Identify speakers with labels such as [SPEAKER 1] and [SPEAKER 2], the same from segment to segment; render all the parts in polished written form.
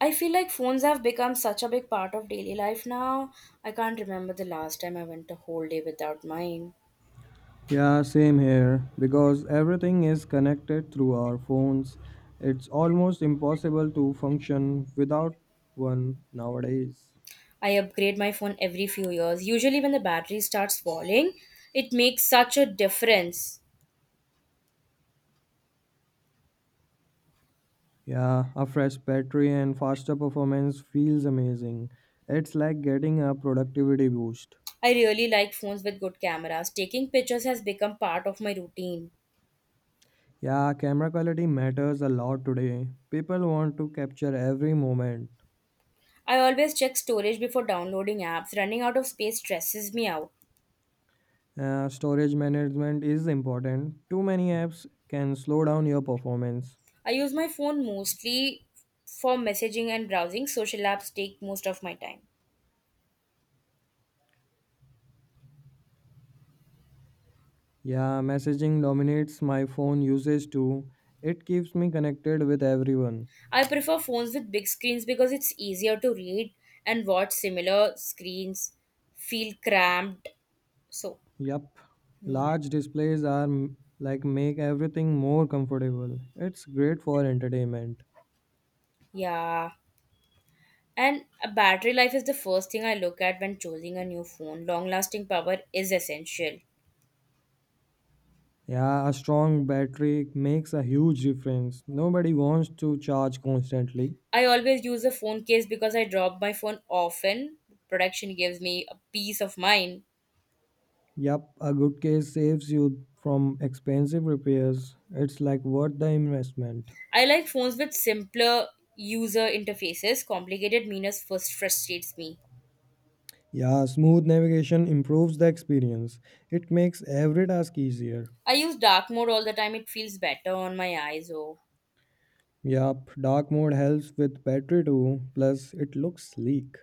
[SPEAKER 1] I feel like phones have become such a big part of daily life now. I can't remember the last time I went a whole day without mine.
[SPEAKER 2] Yeah, same here. Because everything is connected through our phones, it's almost impossible to function without one nowadays.
[SPEAKER 1] I upgrade my phone every few years. Usually, when the battery starts falling, it makes such a difference.
[SPEAKER 2] Yeah, a fresh battery and faster performance feels amazing. It's like getting a productivity boost.
[SPEAKER 1] I really like phones with good cameras. Taking pictures has become part of my routine.
[SPEAKER 2] Yeah, camera quality matters a lot today. People want to capture every moment.
[SPEAKER 1] I always check storage before downloading apps. Running out of space stresses me out.
[SPEAKER 2] Storage management is important. Too many apps can slow down your performance.
[SPEAKER 1] I use my phone mostly for messaging and browsing. Social apps take most of my time.
[SPEAKER 2] Yeah, messaging dominates my phone usage too. It keeps me connected with everyone.
[SPEAKER 1] I prefer phones with big screens because it's easier to read and watch similar screens feel cramped. So,
[SPEAKER 2] Yup.
[SPEAKER 1] mm,
[SPEAKER 2] Large displays are like make everything more comfortable. It's great for entertainment.
[SPEAKER 1] yeah. And a battery life is the first thing I look at when choosing a new phone. Long lasting power is essential.
[SPEAKER 2] Yeah, a strong battery makes a huge difference. Nobody wants to charge constantly.
[SPEAKER 1] I always use a phone case because I drop my phone often. Protection gives me a peace of mind.
[SPEAKER 2] Yup, a good case saves you from expensive repairs. It's like worth the investment.
[SPEAKER 1] I like phones with simpler user interfaces. Complicated menus first frustrates me.
[SPEAKER 2] Yeah, smooth navigation improves the experience. It makes every task easier.
[SPEAKER 1] I use dark mode all the time. It feels better on my eyes. Oh,
[SPEAKER 2] Yup, dark mode helps with battery too, plus it looks sleek.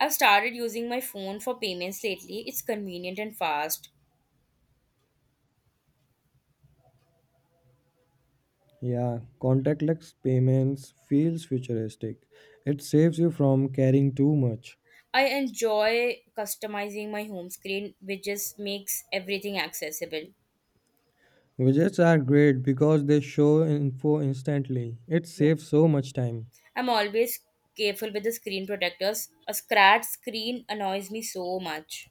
[SPEAKER 1] I've started using my phone for payments lately. It's convenient and fast.
[SPEAKER 2] Yeah, contactless payments feels futuristic. It saves you from carrying too much.
[SPEAKER 1] I enjoy customizing my home screen, which just makes everything accessible.
[SPEAKER 2] Widgets are great because they show info instantly. It
[SPEAKER 1] Yeah.
[SPEAKER 2] saves so much time.
[SPEAKER 1] I'm always careful with the screen protectors. A scratch screen annoys me so much.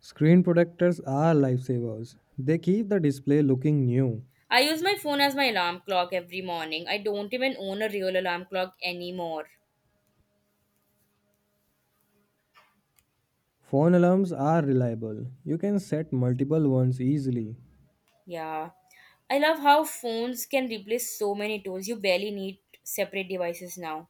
[SPEAKER 2] Screen protectors are lifesavers. They keep the display looking new.
[SPEAKER 1] I use my phone as my alarm clock every morning. I don't even own a real alarm clock anymore.
[SPEAKER 2] Phone alarms are reliable. You can set multiple ones easily.
[SPEAKER 1] Yeah. I love how phones can replace so many tools. You barely need separate devices now.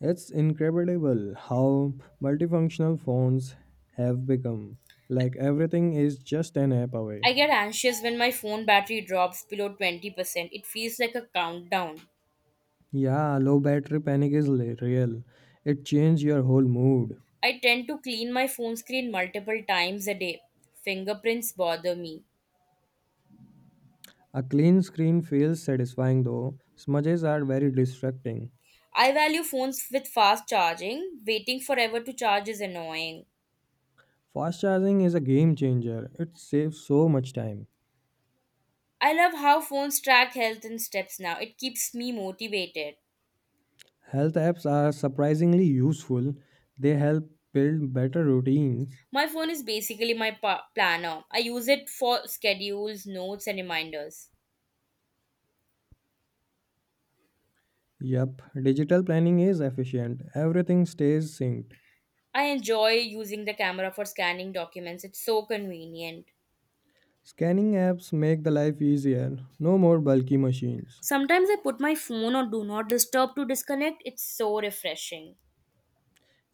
[SPEAKER 2] It's incredible how multifunctional phones have become. Like everything is just an app away.
[SPEAKER 1] I get anxious when my phone battery drops below 20%. It feels like a countdown.
[SPEAKER 2] Yeah, low battery panic is real. It changes your whole mood.
[SPEAKER 1] I tend to clean my phone screen multiple times a day. Fingerprints bother me.
[SPEAKER 2] A clean screen feels satisfying though. Smudges are very distracting.
[SPEAKER 1] I value phones with fast charging. Waiting forever to charge is annoying.
[SPEAKER 2] Fast charging is a game changer. It saves so much time.
[SPEAKER 1] I love how phones track health and steps now. It keeps me motivated.
[SPEAKER 2] Health apps are surprisingly useful. They help build better routines.
[SPEAKER 1] My phone is basically my planner. I use it for schedules, notes, and reminders.
[SPEAKER 2] Yep, digital planning is efficient. Everything stays synced.
[SPEAKER 1] I enjoy using the camera for scanning documents. It's so convenient.
[SPEAKER 2] Scanning apps make the life easier. No more bulky machines.
[SPEAKER 1] Sometimes I put my phone on do not disturb to disconnect. It's so refreshing.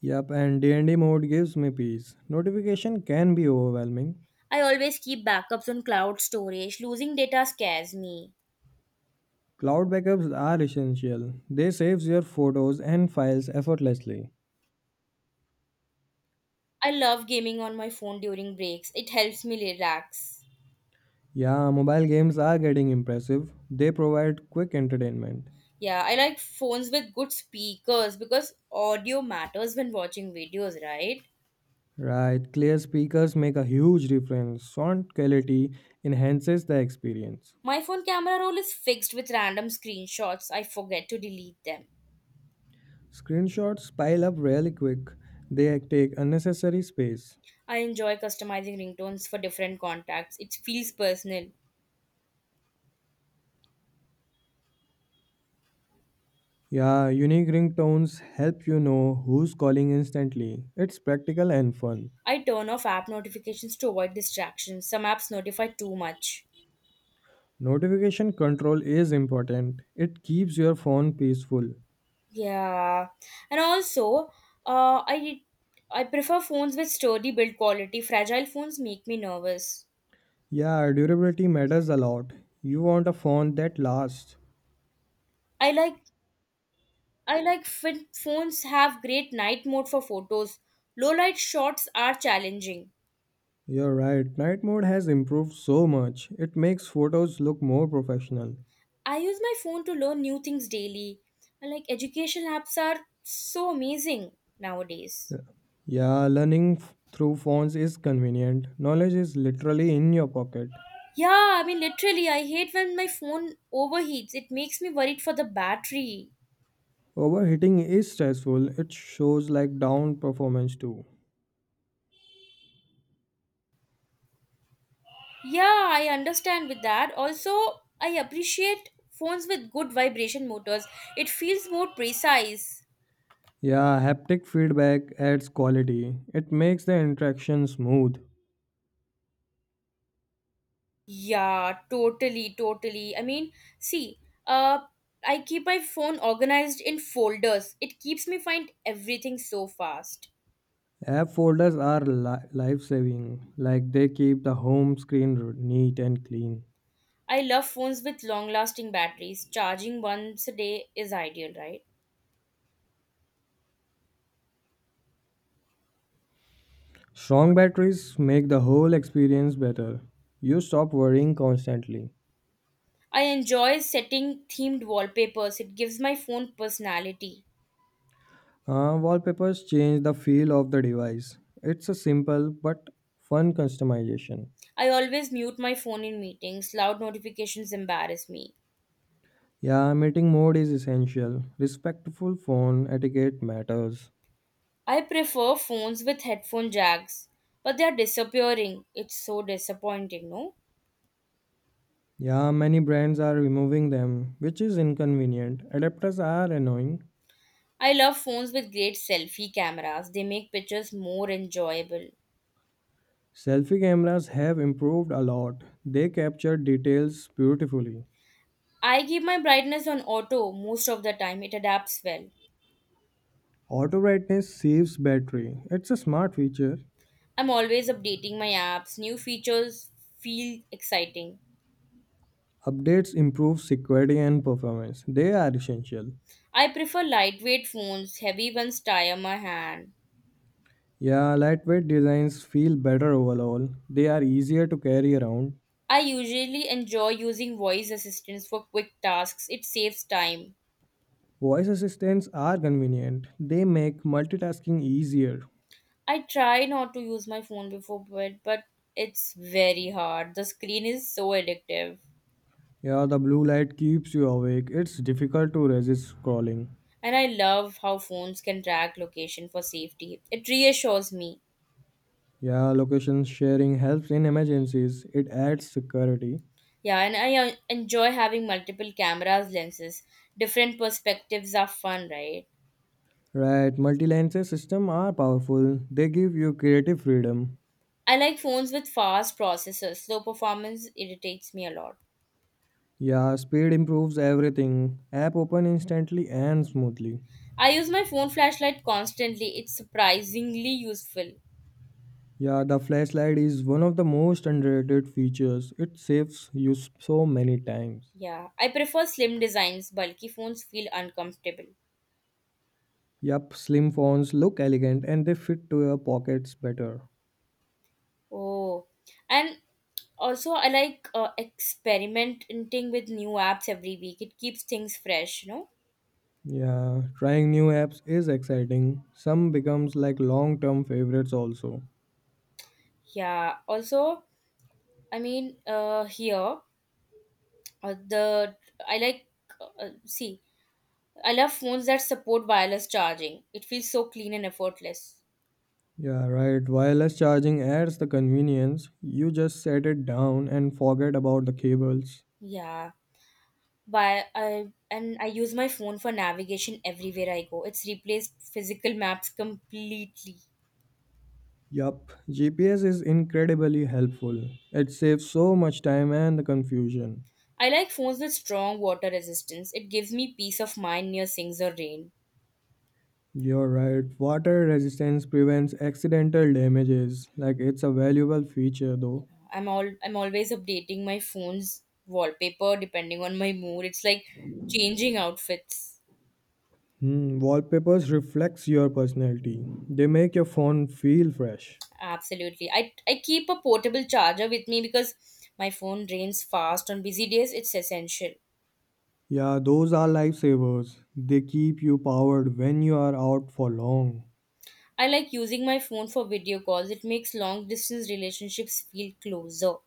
[SPEAKER 2] Yup, and D&D mode gives me peace. Notification can be overwhelming.
[SPEAKER 1] I always keep backups on cloud storage. Losing data scares me.
[SPEAKER 2] Cloud backups are essential. They saves your photos and files effortlessly.
[SPEAKER 1] I love gaming on my phone during breaks. It helps me relax.
[SPEAKER 2] Yeah, mobile games are getting impressive. They provide quick entertainment.
[SPEAKER 1] Yeah, I like phones with good speakers because audio matters when watching videos, right?
[SPEAKER 2] Right, clear speakers make a huge difference. Sound quality enhances the experience.
[SPEAKER 1] My phone camera roll is fixed with random screenshots. I forget to delete them.
[SPEAKER 2] Screenshots pile up really quick. They take unnecessary space.
[SPEAKER 1] I enjoy customizing ringtones for different contacts. It feels personal.
[SPEAKER 2] Yeah, unique ringtones help you know who's calling instantly. It's practical and fun.
[SPEAKER 1] I turn off app notifications to avoid distractions. Some apps notify too much.
[SPEAKER 2] Notification control is important. It keeps your phone peaceful.
[SPEAKER 1] Yeah. And also, uh, I I prefer phones with sturdy build quality. Fragile phones make me nervous.
[SPEAKER 2] Yeah, durability matters a lot. You want a phone that lasts.
[SPEAKER 1] I like I like when phones have great night mode for photos. Low light shots are challenging.
[SPEAKER 2] You're right. Night mode has improved so much. It makes photos look more professional.
[SPEAKER 1] I use my phone to learn new things daily. Like education apps are so amazing nowadays.
[SPEAKER 2] Yeah, Yeah, learning through phones is convenient. Knowledge is literally in your pocket.
[SPEAKER 1] Yeah, I mean literally I hate when my phone overheats. It makes me worried for the battery.
[SPEAKER 2] Overheating is stressful. It shows like down performance too.
[SPEAKER 1] Yeah, I understand with that. Also, I appreciate phones with good vibration motors. It feels more precise.
[SPEAKER 2] Yeah, haptic feedback adds quality. It makes the interaction smooth.
[SPEAKER 1] Yeah, totally, totally. I mean, see, uh I keep my phone organized in folders. It keeps me find everything so fast.
[SPEAKER 2] App folders are life saving, like they keep the home screen neat and clean.
[SPEAKER 1] I love phones with long lasting batteries. Charging once a day is ideal, right?
[SPEAKER 2] Strong batteries make the whole experience better. You stop worrying constantly.
[SPEAKER 1] I enjoy setting themed wallpapers. It gives my phone personality.
[SPEAKER 2] Wallpapers change the feel of the device. It's a simple but fun customization.
[SPEAKER 1] I always mute my phone in meetings. Loud notifications embarrass me.
[SPEAKER 2] Yeah, meeting mode is essential. Respectful phone etiquette matters.
[SPEAKER 1] I prefer phones with headphone jacks, but they are disappearing. It's so disappointing, no?
[SPEAKER 2] Yeah, many brands are removing them, which is inconvenient. Adapters are annoying.
[SPEAKER 1] I love phones with great selfie cameras. They make pictures more enjoyable.
[SPEAKER 2] Selfie cameras have improved a lot. They capture details beautifully.
[SPEAKER 1] I keep my brightness on auto most of the time. It adapts well.
[SPEAKER 2] Auto brightness saves battery. It's a smart feature.
[SPEAKER 1] I'm always updating my apps, new features feel exciting.
[SPEAKER 2] Updates improve security and performance. They are essential.
[SPEAKER 1] I prefer lightweight phones, heavy ones tire my hand.
[SPEAKER 2] Yeah, lightweight designs feel better overall. They are easier to carry around.
[SPEAKER 1] I usually enjoy using voice assistants for quick tasks, it saves time.
[SPEAKER 2] Voice assistants are convenient. They make multitasking easier.
[SPEAKER 1] I try not to use my phone before bed, but it's very hard. The screen is so addictive.
[SPEAKER 2] Yeah, the blue light keeps you awake. It's difficult to resist scrolling.
[SPEAKER 1] And I love how phones can track location for safety. It reassures me.
[SPEAKER 2] Yeah, location sharing helps in emergencies. It adds security.
[SPEAKER 1] Yeah, and I enjoy having multiple cameras, lenses. Different perspectives are fun, right?
[SPEAKER 2] Right, multi-lenses system are powerful. They give you creative freedom.
[SPEAKER 1] I like phones with fast processors. Slow performance irritates me a lot.
[SPEAKER 2] Yeah, speed improves everything. App open instantly and smoothly.
[SPEAKER 1] I use my phone flashlight constantly. It's surprisingly useful.
[SPEAKER 2] Yeah, the flashlight is one of the most underrated features. It saves you so many times.
[SPEAKER 1] Yeah, I prefer slim designs. Bulky phones feel uncomfortable.
[SPEAKER 2] Yup, slim phones look elegant and they fit to your pockets better.
[SPEAKER 1] Oh, and also I like experimenting with new apps every week. It keeps things fresh,
[SPEAKER 2] Yeah, trying new apps is exciting. Some becomes like long-term favorites also.
[SPEAKER 1] Yeah. Also, I mean, here the I like see I love phones that support wireless charging. It feels so clean and effortless.
[SPEAKER 2] Yeah, right. Wireless charging adds the convenience. You just set it down and forget about the cables.
[SPEAKER 1] Yeah, by I and I use my phone for navigation everywhere I go. It's replaced physical maps completely.
[SPEAKER 2] Yup, GPS is incredibly helpful. It saves so much time and the confusion.
[SPEAKER 1] I like phones with strong water resistance. It gives me peace of mind near sinks or rain.
[SPEAKER 2] You're right. Water resistance prevents accidental damages. Like it's a valuable feature though.
[SPEAKER 1] I'm always updating my phone's wallpaper depending on my mood. It's like changing outfits.
[SPEAKER 2] Hmm, wallpapers reflects your personality. They make your phone feel fresh.
[SPEAKER 1] Absolutely. I keep a portable charger with me because my phone drains fast on busy days. It's essential.
[SPEAKER 2] Yeah, those are lifesavers. They keep you powered when you are out for long.
[SPEAKER 1] I like using my phone for video calls. It makes long distance relationships feel closer.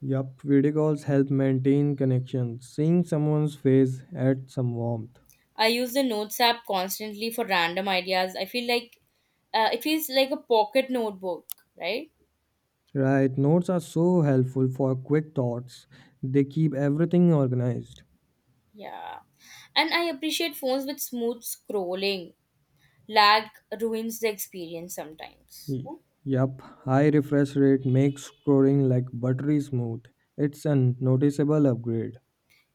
[SPEAKER 2] Yup, video calls help maintain connection. Seeing someone's face adds some warmth.
[SPEAKER 1] I use the Notes app constantly for random ideas. I feel like it feels like a pocket notebook, right?
[SPEAKER 2] Right, notes are so helpful for quick thoughts. They keep everything organized.
[SPEAKER 1] Yeah. And I appreciate phones with smooth scrolling. Lag ruins the experience sometimes.
[SPEAKER 2] Y- Yup, high refresh rate makes scrolling like buttery smooth. It's a noticeable upgrade.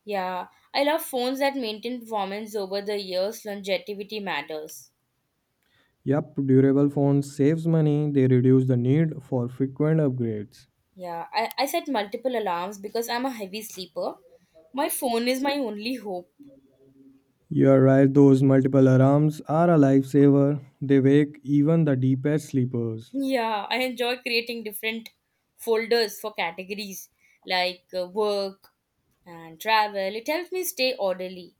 [SPEAKER 1] Yeah, I love phones that maintain performance over the years. Longevity matters.
[SPEAKER 2] Yup, durable phones saves money. They reduce the need for frequent upgrades.
[SPEAKER 1] Yeah, I set multiple alarms because I'm a heavy sleeper. My phone is my only hope.
[SPEAKER 2] You are right, those multiple alarms are a lifesaver. They wake even the deepest sleepers.
[SPEAKER 1] Yeah, I enjoy creating different folders for categories like work and travel. It helps me stay orderly.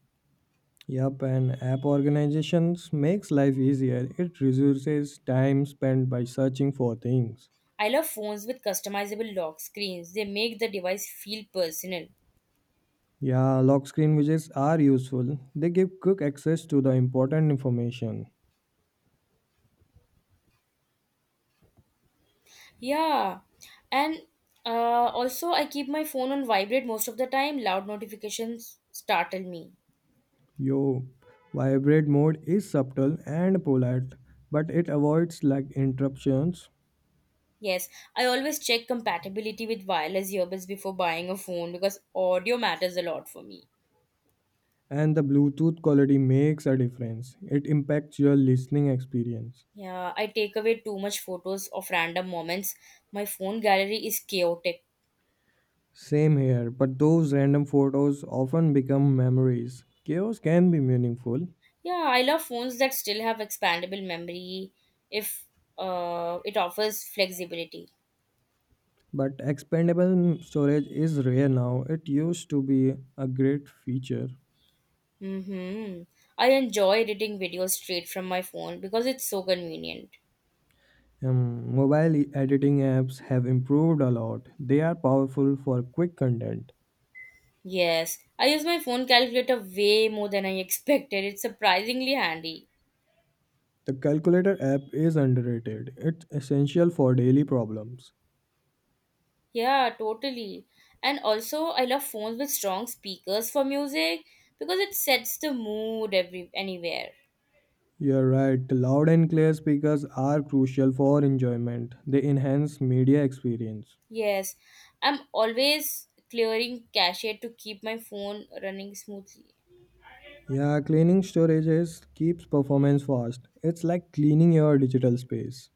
[SPEAKER 2] Yup, and app organizations makes life easier. It reduces time spent by searching for things.
[SPEAKER 1] I love phones with customizable lock screens. They make the device feel personal.
[SPEAKER 2] Yeah, lock screen widgets are useful. They give quick access to the important information.
[SPEAKER 1] Yeah, and uh, also I keep my phone on vibrate most of the time. Loud notifications startle me.
[SPEAKER 2] Yo, vibrate mode is subtle and polite, but it avoids lag interruptions
[SPEAKER 1] Yes, I always check compatibility with wireless earbuds before buying a phone because audio matters a lot for me.
[SPEAKER 2] and the Bluetooth quality makes a difference. It impacts your listening experience.
[SPEAKER 1] Yeah, I take away too much photos of random moments. My phone gallery is chaotic.
[SPEAKER 2] Same here, but those random photos often become memories. Chaos can be meaningful,
[SPEAKER 1] Yeah, I love phones that still have expandable memory if it offers flexibility.
[SPEAKER 2] but expandable storage is rare now. It used to be a great feature.
[SPEAKER 1] Mm-hmm. I enjoy editing videos straight from my phone because it's so convenient.
[SPEAKER 2] Mobile editing apps have improved a lot. They are powerful for quick content.
[SPEAKER 1] Yes, I use my phone calculator way more than I expected. It's surprisingly handy.
[SPEAKER 2] The calculator app is underrated. It's essential for daily problems.
[SPEAKER 1] Yeah, totally. And also, I love phones with strong speakers for music because it sets the mood every anywhere.
[SPEAKER 2] You're right, loud and clear speakers are crucial for enjoyment. They enhance media experience.
[SPEAKER 1] Yes, I'm always clearing cache to keep my phone running smoothly.
[SPEAKER 2] Yeah, cleaning storage is- keeps performance fast. It's like cleaning your digital space.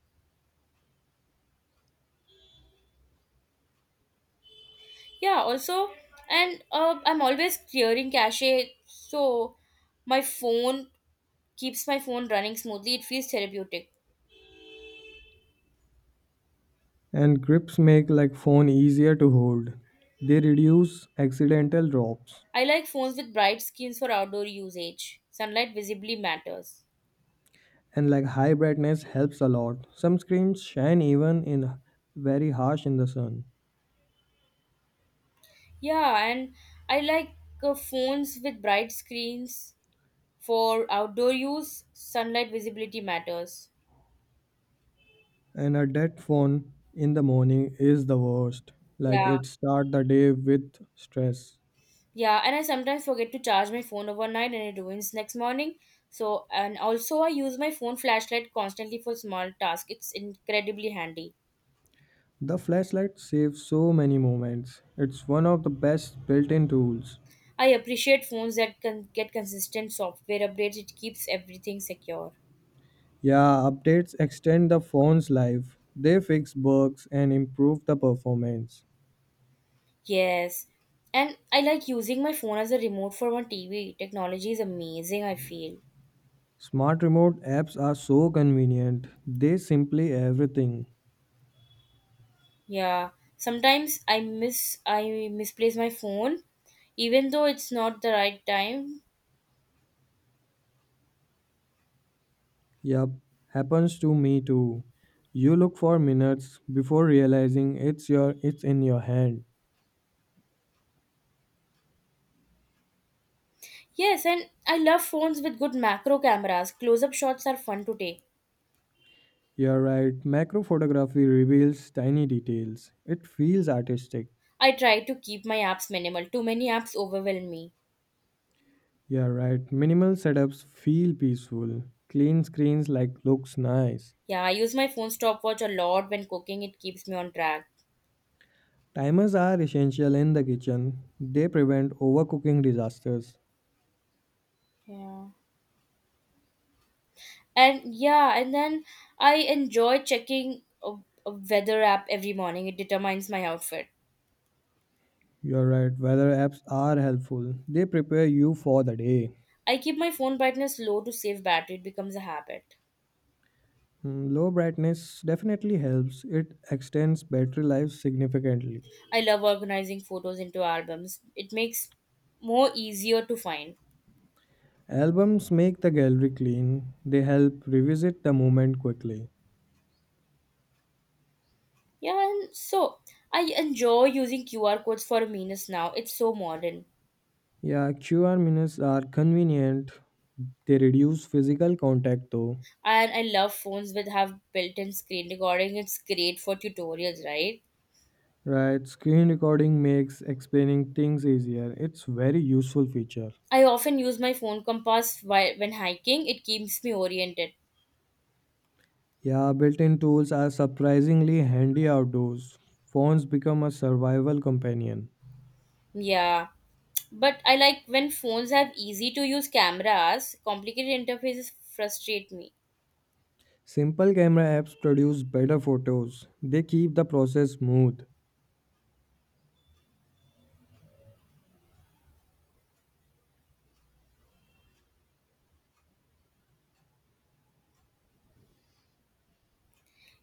[SPEAKER 1] Yeah, also, and I'm always clearing cache, so my phone keeps my phone running smoothly. It feels therapeutic.
[SPEAKER 2] And grips make like phone easier to hold. They reduce accidental drops.
[SPEAKER 1] I like phones with bright screens for outdoor usage. Sunlight visibly matters.
[SPEAKER 2] And like high brightness helps a lot. Some screens shine even in very harsh in the sun.
[SPEAKER 1] Yeah, and I like phones with bright screens for outdoor use. Sunlight visibility matters.
[SPEAKER 2] And a dead phone in the morning is the worst. Like
[SPEAKER 1] Yeah.
[SPEAKER 2] it start the day with stress.
[SPEAKER 1] Yeah, and I sometimes forget to charge my phone overnight and it ruins next morning. So, and also I use my phone flashlight constantly for small tasks. It's incredibly handy.
[SPEAKER 2] The flashlight saves so many moments. It's one of the best built-in tools.
[SPEAKER 1] I appreciate phones that can get consistent software updates. It keeps everything secure.
[SPEAKER 2] Yeah, updates extend the phone's life. They fix bugs and improve the performance.
[SPEAKER 1] Yes. And I like using my phone as a remote for my TV. Technology is amazing, I feel.
[SPEAKER 2] Smart remote apps are so convenient. They simply everything.
[SPEAKER 1] Yeah. Sometimes I miss I misplace my phone even though it's not the right time.
[SPEAKER 2] Yup, happens to me too. You look for minutes before realizing it's in your hand.
[SPEAKER 1] Yes, and I love phones with good macro cameras. Close up shots are fun to take.
[SPEAKER 2] You're right. Macro photography reveals tiny details. It feels artistic.
[SPEAKER 1] I try to keep my apps minimal. Too many apps overwhelm me.
[SPEAKER 2] You're right. Minimal setups feel peaceful. Clean screens like looks nice.
[SPEAKER 1] Yeah, I use my phone stopwatch a lot when cooking, it keeps me on track.
[SPEAKER 2] Timers are essential in the kitchen. They prevent overcooking disasters.
[SPEAKER 1] Yeah. And yeah, and then I enjoy checking a weather app every morning. It determines my outfit.
[SPEAKER 2] You're right, weather apps are helpful. They prepare you for the day.
[SPEAKER 1] I keep my phone brightness low to save battery. It becomes a habit.
[SPEAKER 2] Mm, low brightness definitely helps. It extends battery life significantly.
[SPEAKER 1] I love organizing photos into albums. It makes more easier to find.
[SPEAKER 2] Albums make the gallery clean. They help revisit the moment quickly.
[SPEAKER 1] Yeah, and so I enjoy using QR codes for memes now. It's so modern.
[SPEAKER 2] Yeah, QR minutes are convenient. They reduce physical contact though.
[SPEAKER 1] And I love phones that have built-in screen recording. It's great for tutorials, right?
[SPEAKER 2] Right, screen recording makes explaining things easier. It's very useful feature.
[SPEAKER 1] I often use my phone compass while when hiking. It keeps me oriented.
[SPEAKER 2] Yeah, built in tools are surprisingly handy outdoors. Phones become a survival companion.
[SPEAKER 1] Yeah. But I like when phones have easy to use cameras, complicated interfaces frustrate me.
[SPEAKER 2] Simple camera apps produce better photos, they keep the process smooth.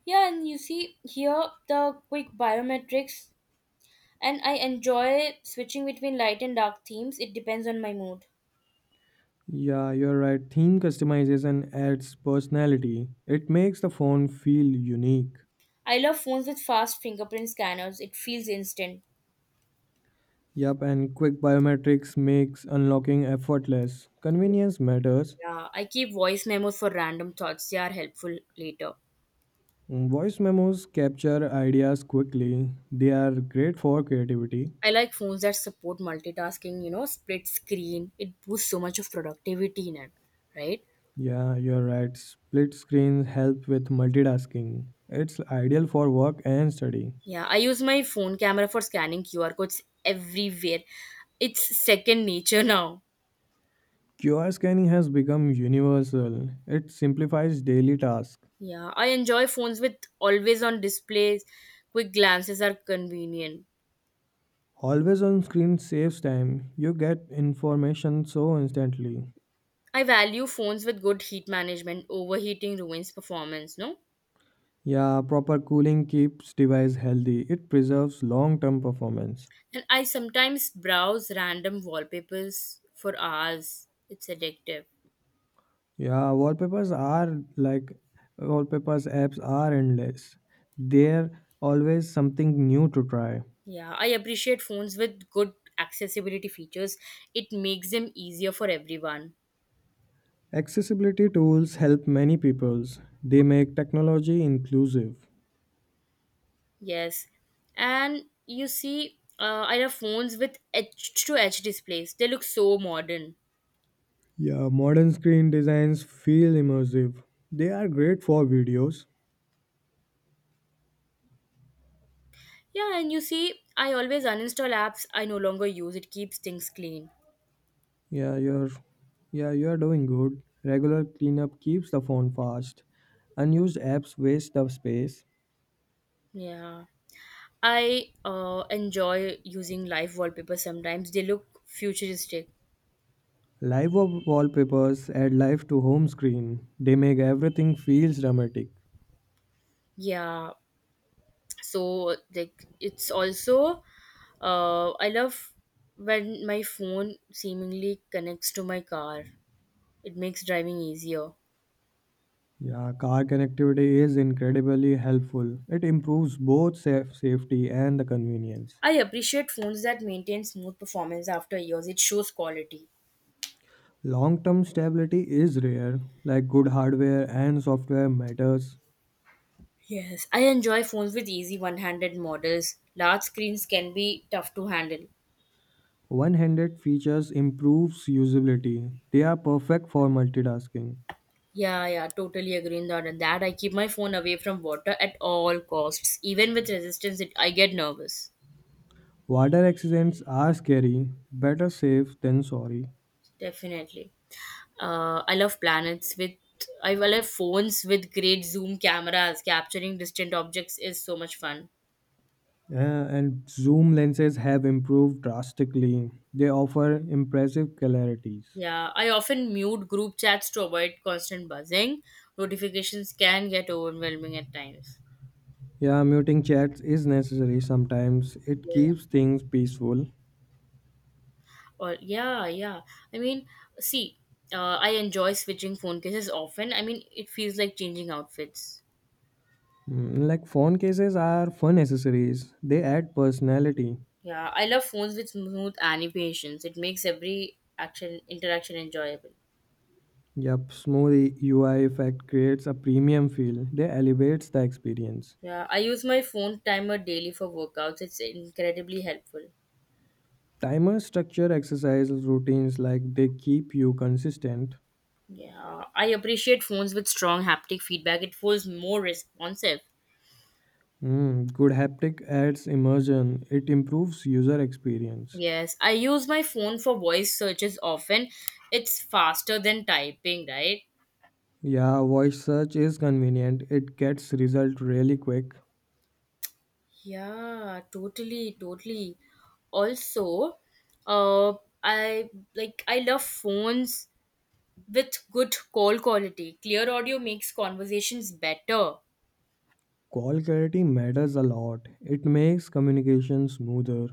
[SPEAKER 1] Yeah, and you see here the quick biometrics and I enjoy switching between light and dark themes. It depends on my mood.
[SPEAKER 2] Yeah, you're right. Theme customization adds personality, it makes the phone feel unique.
[SPEAKER 1] I love phones with fast fingerprint scanners. It feels instant.
[SPEAKER 2] Yup, and quick biometrics makes unlocking effortless. Convenience matters.
[SPEAKER 1] Yeah, I keep voice memos for random thoughts. They are helpful later.
[SPEAKER 2] Voice memos capture ideas quickly, they are great for creativity.
[SPEAKER 1] I like phones that support multitasking, you know, split screen. It boosts so much of productivity in it, right?
[SPEAKER 2] Yeah, you're right. Split screens help with multitasking. It's ideal for work and study.
[SPEAKER 1] Yeah, I use my phone camera for scanning QR codes everywhere. It's second nature now.
[SPEAKER 2] QR scanning has become universal. It simplifies daily tasks.
[SPEAKER 1] Yeah, I enjoy phones with always on displays. Quick glances are convenient.
[SPEAKER 2] Always on screen saves time. You get information so instantly.
[SPEAKER 1] I value phones with good heat management. Overheating ruins performance, no?
[SPEAKER 2] Yeah, proper cooling keeps device healthy. It preserves long-term performance.
[SPEAKER 1] And I sometimes browse random wallpapers for hours. It's addictive.
[SPEAKER 2] Yeah, wallpapers apps are endless. They're always something new to try.
[SPEAKER 1] Yeah, I appreciate phones with good accessibility features. It makes them easier for everyone.
[SPEAKER 2] Accessibility tools help many peoples. They make technology inclusive.
[SPEAKER 1] Yes. And you see, I have phones with edge to edge displays. They look so modern.
[SPEAKER 2] Yeah, modern screen designs feel immersive. They are great for videos.
[SPEAKER 1] Yeah, and you see, I always uninstall apps I no longer use. It keeps things clean.
[SPEAKER 2] Yeah, you're yeah, you're doing good. Regular cleanup keeps the phone fast. Unused apps waste the space.
[SPEAKER 1] Yeah. I enjoy using live wallpapers sometimes. They look futuristic.
[SPEAKER 2] Live wallpapers add life to home screen. They make everything feels dramatic.
[SPEAKER 1] Yeah, so like it's also I love when my phone seemingly connects to my car. It makes driving easier.
[SPEAKER 2] Yeah, car connectivity is incredibly helpful. It improves both safety and the convenience.
[SPEAKER 1] I appreciate phones that maintain smooth performance after years. It shows quality.
[SPEAKER 2] Long term stability is rare, like good hardware and software matters.
[SPEAKER 1] Yes, I enjoy phones with easy one-handed models. Large screens can be tough to handle.
[SPEAKER 2] One handed features improves usability. They are perfect for multitasking.
[SPEAKER 1] Yeah, yeah, totally agree on that. And that, I keep my phone away from water at all costs. Even with resistance I get nervous.
[SPEAKER 2] Water accidents are scary, better safe than sorry.
[SPEAKER 1] Definitely. Uh, I love planets with I love phones with great zoom cameras. Capturing distant objects is so much fun.
[SPEAKER 2] Uh, and zoom lenses have improved drastically. They offer impressive clarities.
[SPEAKER 1] Yeah, I often mute group chats to avoid constant buzzing. Notifications can get overwhelming at times.
[SPEAKER 2] Yeah, muting chats is necessary sometimes. It
[SPEAKER 1] Yes.
[SPEAKER 2] keeps things peaceful.
[SPEAKER 1] Or yeah, yeah. I mean, see, I enjoy switching phone cases often. I mean, it feels like changing outfits.
[SPEAKER 2] Mm, like phone cases are fun accessories. They add personality.
[SPEAKER 1] Yeah, I love phones with smooth animations. It makes every action interaction enjoyable.
[SPEAKER 2] Yep, smooth UI effect creates a premium feel. They elevates the experience.
[SPEAKER 1] Yeah, I use my phone timer daily for workouts. It's incredibly helpful.
[SPEAKER 2] Timer structure exercise routines like they keep you consistent.
[SPEAKER 1] Yeah, I appreciate phones with strong haptic feedback. It feels more responsive.
[SPEAKER 2] Mm, good haptic adds immersion. It improves user experience.
[SPEAKER 1] Yes, I use my phone for voice searches often. It's faster than typing, right?
[SPEAKER 2] Yeah, voice search is convenient. It gets result really quick.
[SPEAKER 1] Yeah, totally, totally. Also, uh, I love phones with good call quality. Clear audio makes conversations better.
[SPEAKER 2] Call clarity matters a lot. It makes communication smoother.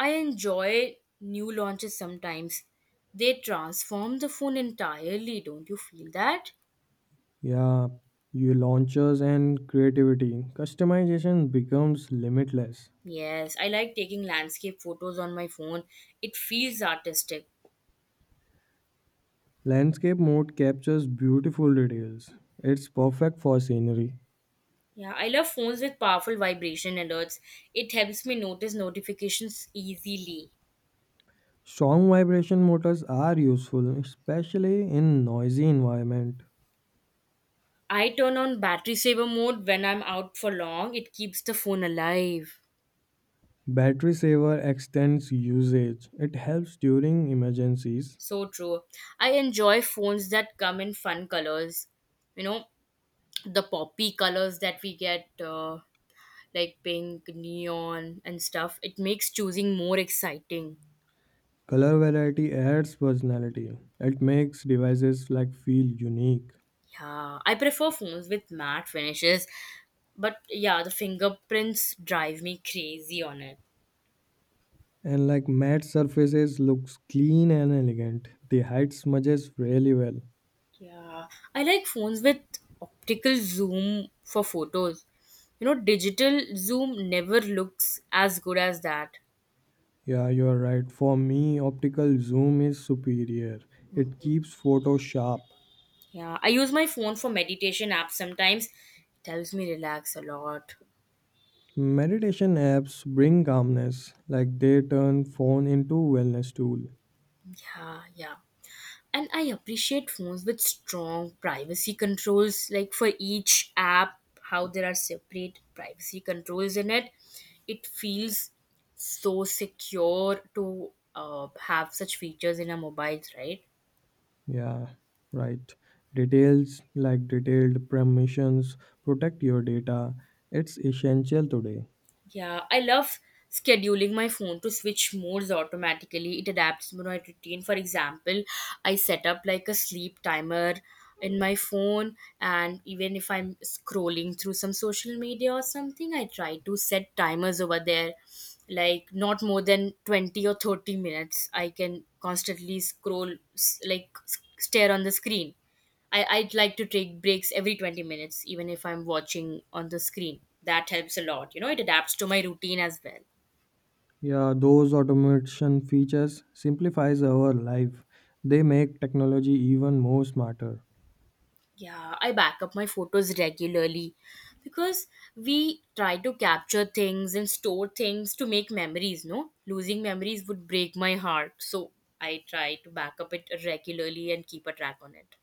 [SPEAKER 1] I enjoy new launches sometimes. They transform the phone entirely, don't you feel that?
[SPEAKER 2] Yeah, your launchers and creativity. Customization becomes limitless.
[SPEAKER 1] Yes, I like taking landscape photos on my phone. It feels artistic.
[SPEAKER 2] Landscape mode captures beautiful details. It's perfect for scenery.
[SPEAKER 1] Yeah, I love phones with powerful vibration alerts. It helps me notice notifications easily.
[SPEAKER 2] Strong vibration motors are useful, especially in noisy environment.
[SPEAKER 1] I turn on battery saver mode when I'm out for long. It keeps the phone alive.
[SPEAKER 2] Battery saver extends usage. It helps during emergencies.
[SPEAKER 1] So true. I enjoy phones that come in fun colors. You know, the poppy colors that we get. Like pink, neon, and stuff. It makes choosing more exciting.
[SPEAKER 2] Color variety adds personality. It makes devices like feel unique.
[SPEAKER 1] Yeah, I prefer phones with matte finishes, but yeah, the fingerprints drive me crazy on it.
[SPEAKER 2] And like matte surfaces looks clean and elegant. They hide smudges really well.
[SPEAKER 1] Yeah, I like phones with optical zoom for photos. You know, digital zoom never looks as good as that.
[SPEAKER 2] Yeah, you're right. For me, optical zoom is superior. It keeps photos sharp.
[SPEAKER 1] Yeah, I use my phone for meditation apps sometimes. It helps me relax a lot.
[SPEAKER 2] Meditation apps bring calmness, like they turn phone into wellness tool.
[SPEAKER 1] Yeah, yeah, and I appreciate phones with strong privacy controls, like for each app how there are separate privacy controls in it. It feels so secure to have such features in our mobiles, right?
[SPEAKER 2] Yeah, right. Details like detailed permissions protect your data. It's essential today.
[SPEAKER 1] Yeah, I love scheduling my phone to switch modes automatically. It adapts to my routine. For example, I set up like a sleep timer in my phone, and even if I'm scrolling through some social media or something, I try to set timers over there. Like not more than 20 or 30 minutes I can constantly scroll, stare on the screen. I'd like to take breaks every 20 minutes, even if I'm watching on the screen. That helps a lot. You know, it adapts to my routine as well.
[SPEAKER 2] Yeah, those automation features simplifies our life. They make technology even more smarter.
[SPEAKER 1] Yeah, I back up my photos regularly, because we try to capture things and store things to make memories, no? Losing memories would break my heart. So I try to back up it regularly and keep a track on it.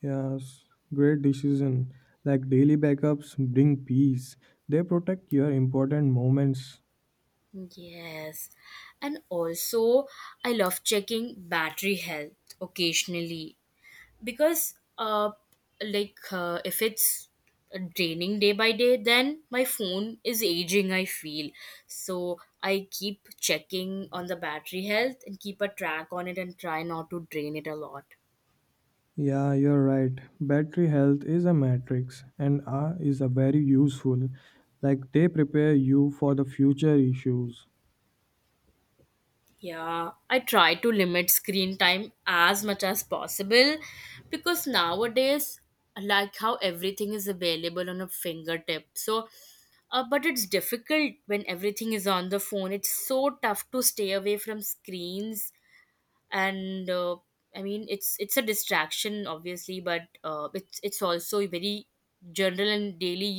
[SPEAKER 2] Yes, great decision. Like daily backups bring peace. They protect your important moments.
[SPEAKER 1] Yes. And also, I love checking battery health occasionally, because if it's draining day by day, then my phone is aging, I feel. So I keep checking on the battery health and keep a track on it and try not to drain it a lot.
[SPEAKER 2] Yeah, you're right. Battery health is a matrix and R is a very useful. Like they prepare you for the future issues.
[SPEAKER 1] Yeah, I try to limit screen time as much as possible because nowadays, like how everything is available on a fingertip. So, but it's difficult when everything is on the phone. It's so tough to stay away from screens, and I mean, it's a distraction, obviously, but it's also very general and daily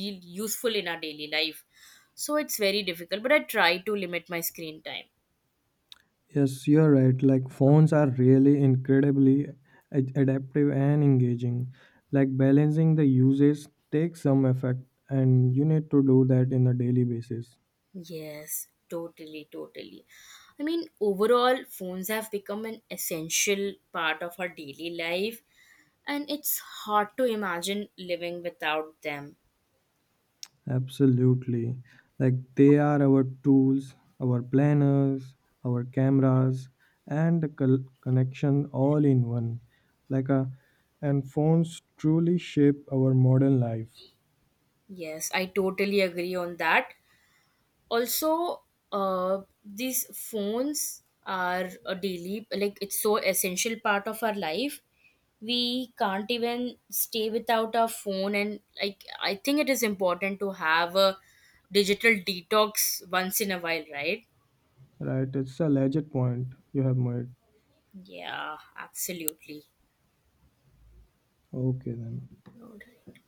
[SPEAKER 1] useful in our daily life. So it's very difficult, but I try to limit my screen time.
[SPEAKER 2] Yes, you're right. Like phones are really incredibly adaptive and engaging. Like balancing the uses takes some effect and you need to do that in a daily basis.
[SPEAKER 1] Yes, totally, totally. I mean, overall, phones have become an essential part of our daily life, and it's hard to imagine living without them.
[SPEAKER 2] Absolutely. Like they are our tools, our planners, our cameras, and the connection all in one. Like a and phones truly shape our modern life.
[SPEAKER 1] Yes, I totally agree on that. Also, these phones are a daily, like it's so essential part of our life. We can't even stay without our phone, and like I think it is important to have a digital detox once in a while, right?
[SPEAKER 2] Right? It's a legit point you have made.
[SPEAKER 1] Yeah, absolutely.
[SPEAKER 2] Okay then.
[SPEAKER 1] Alright.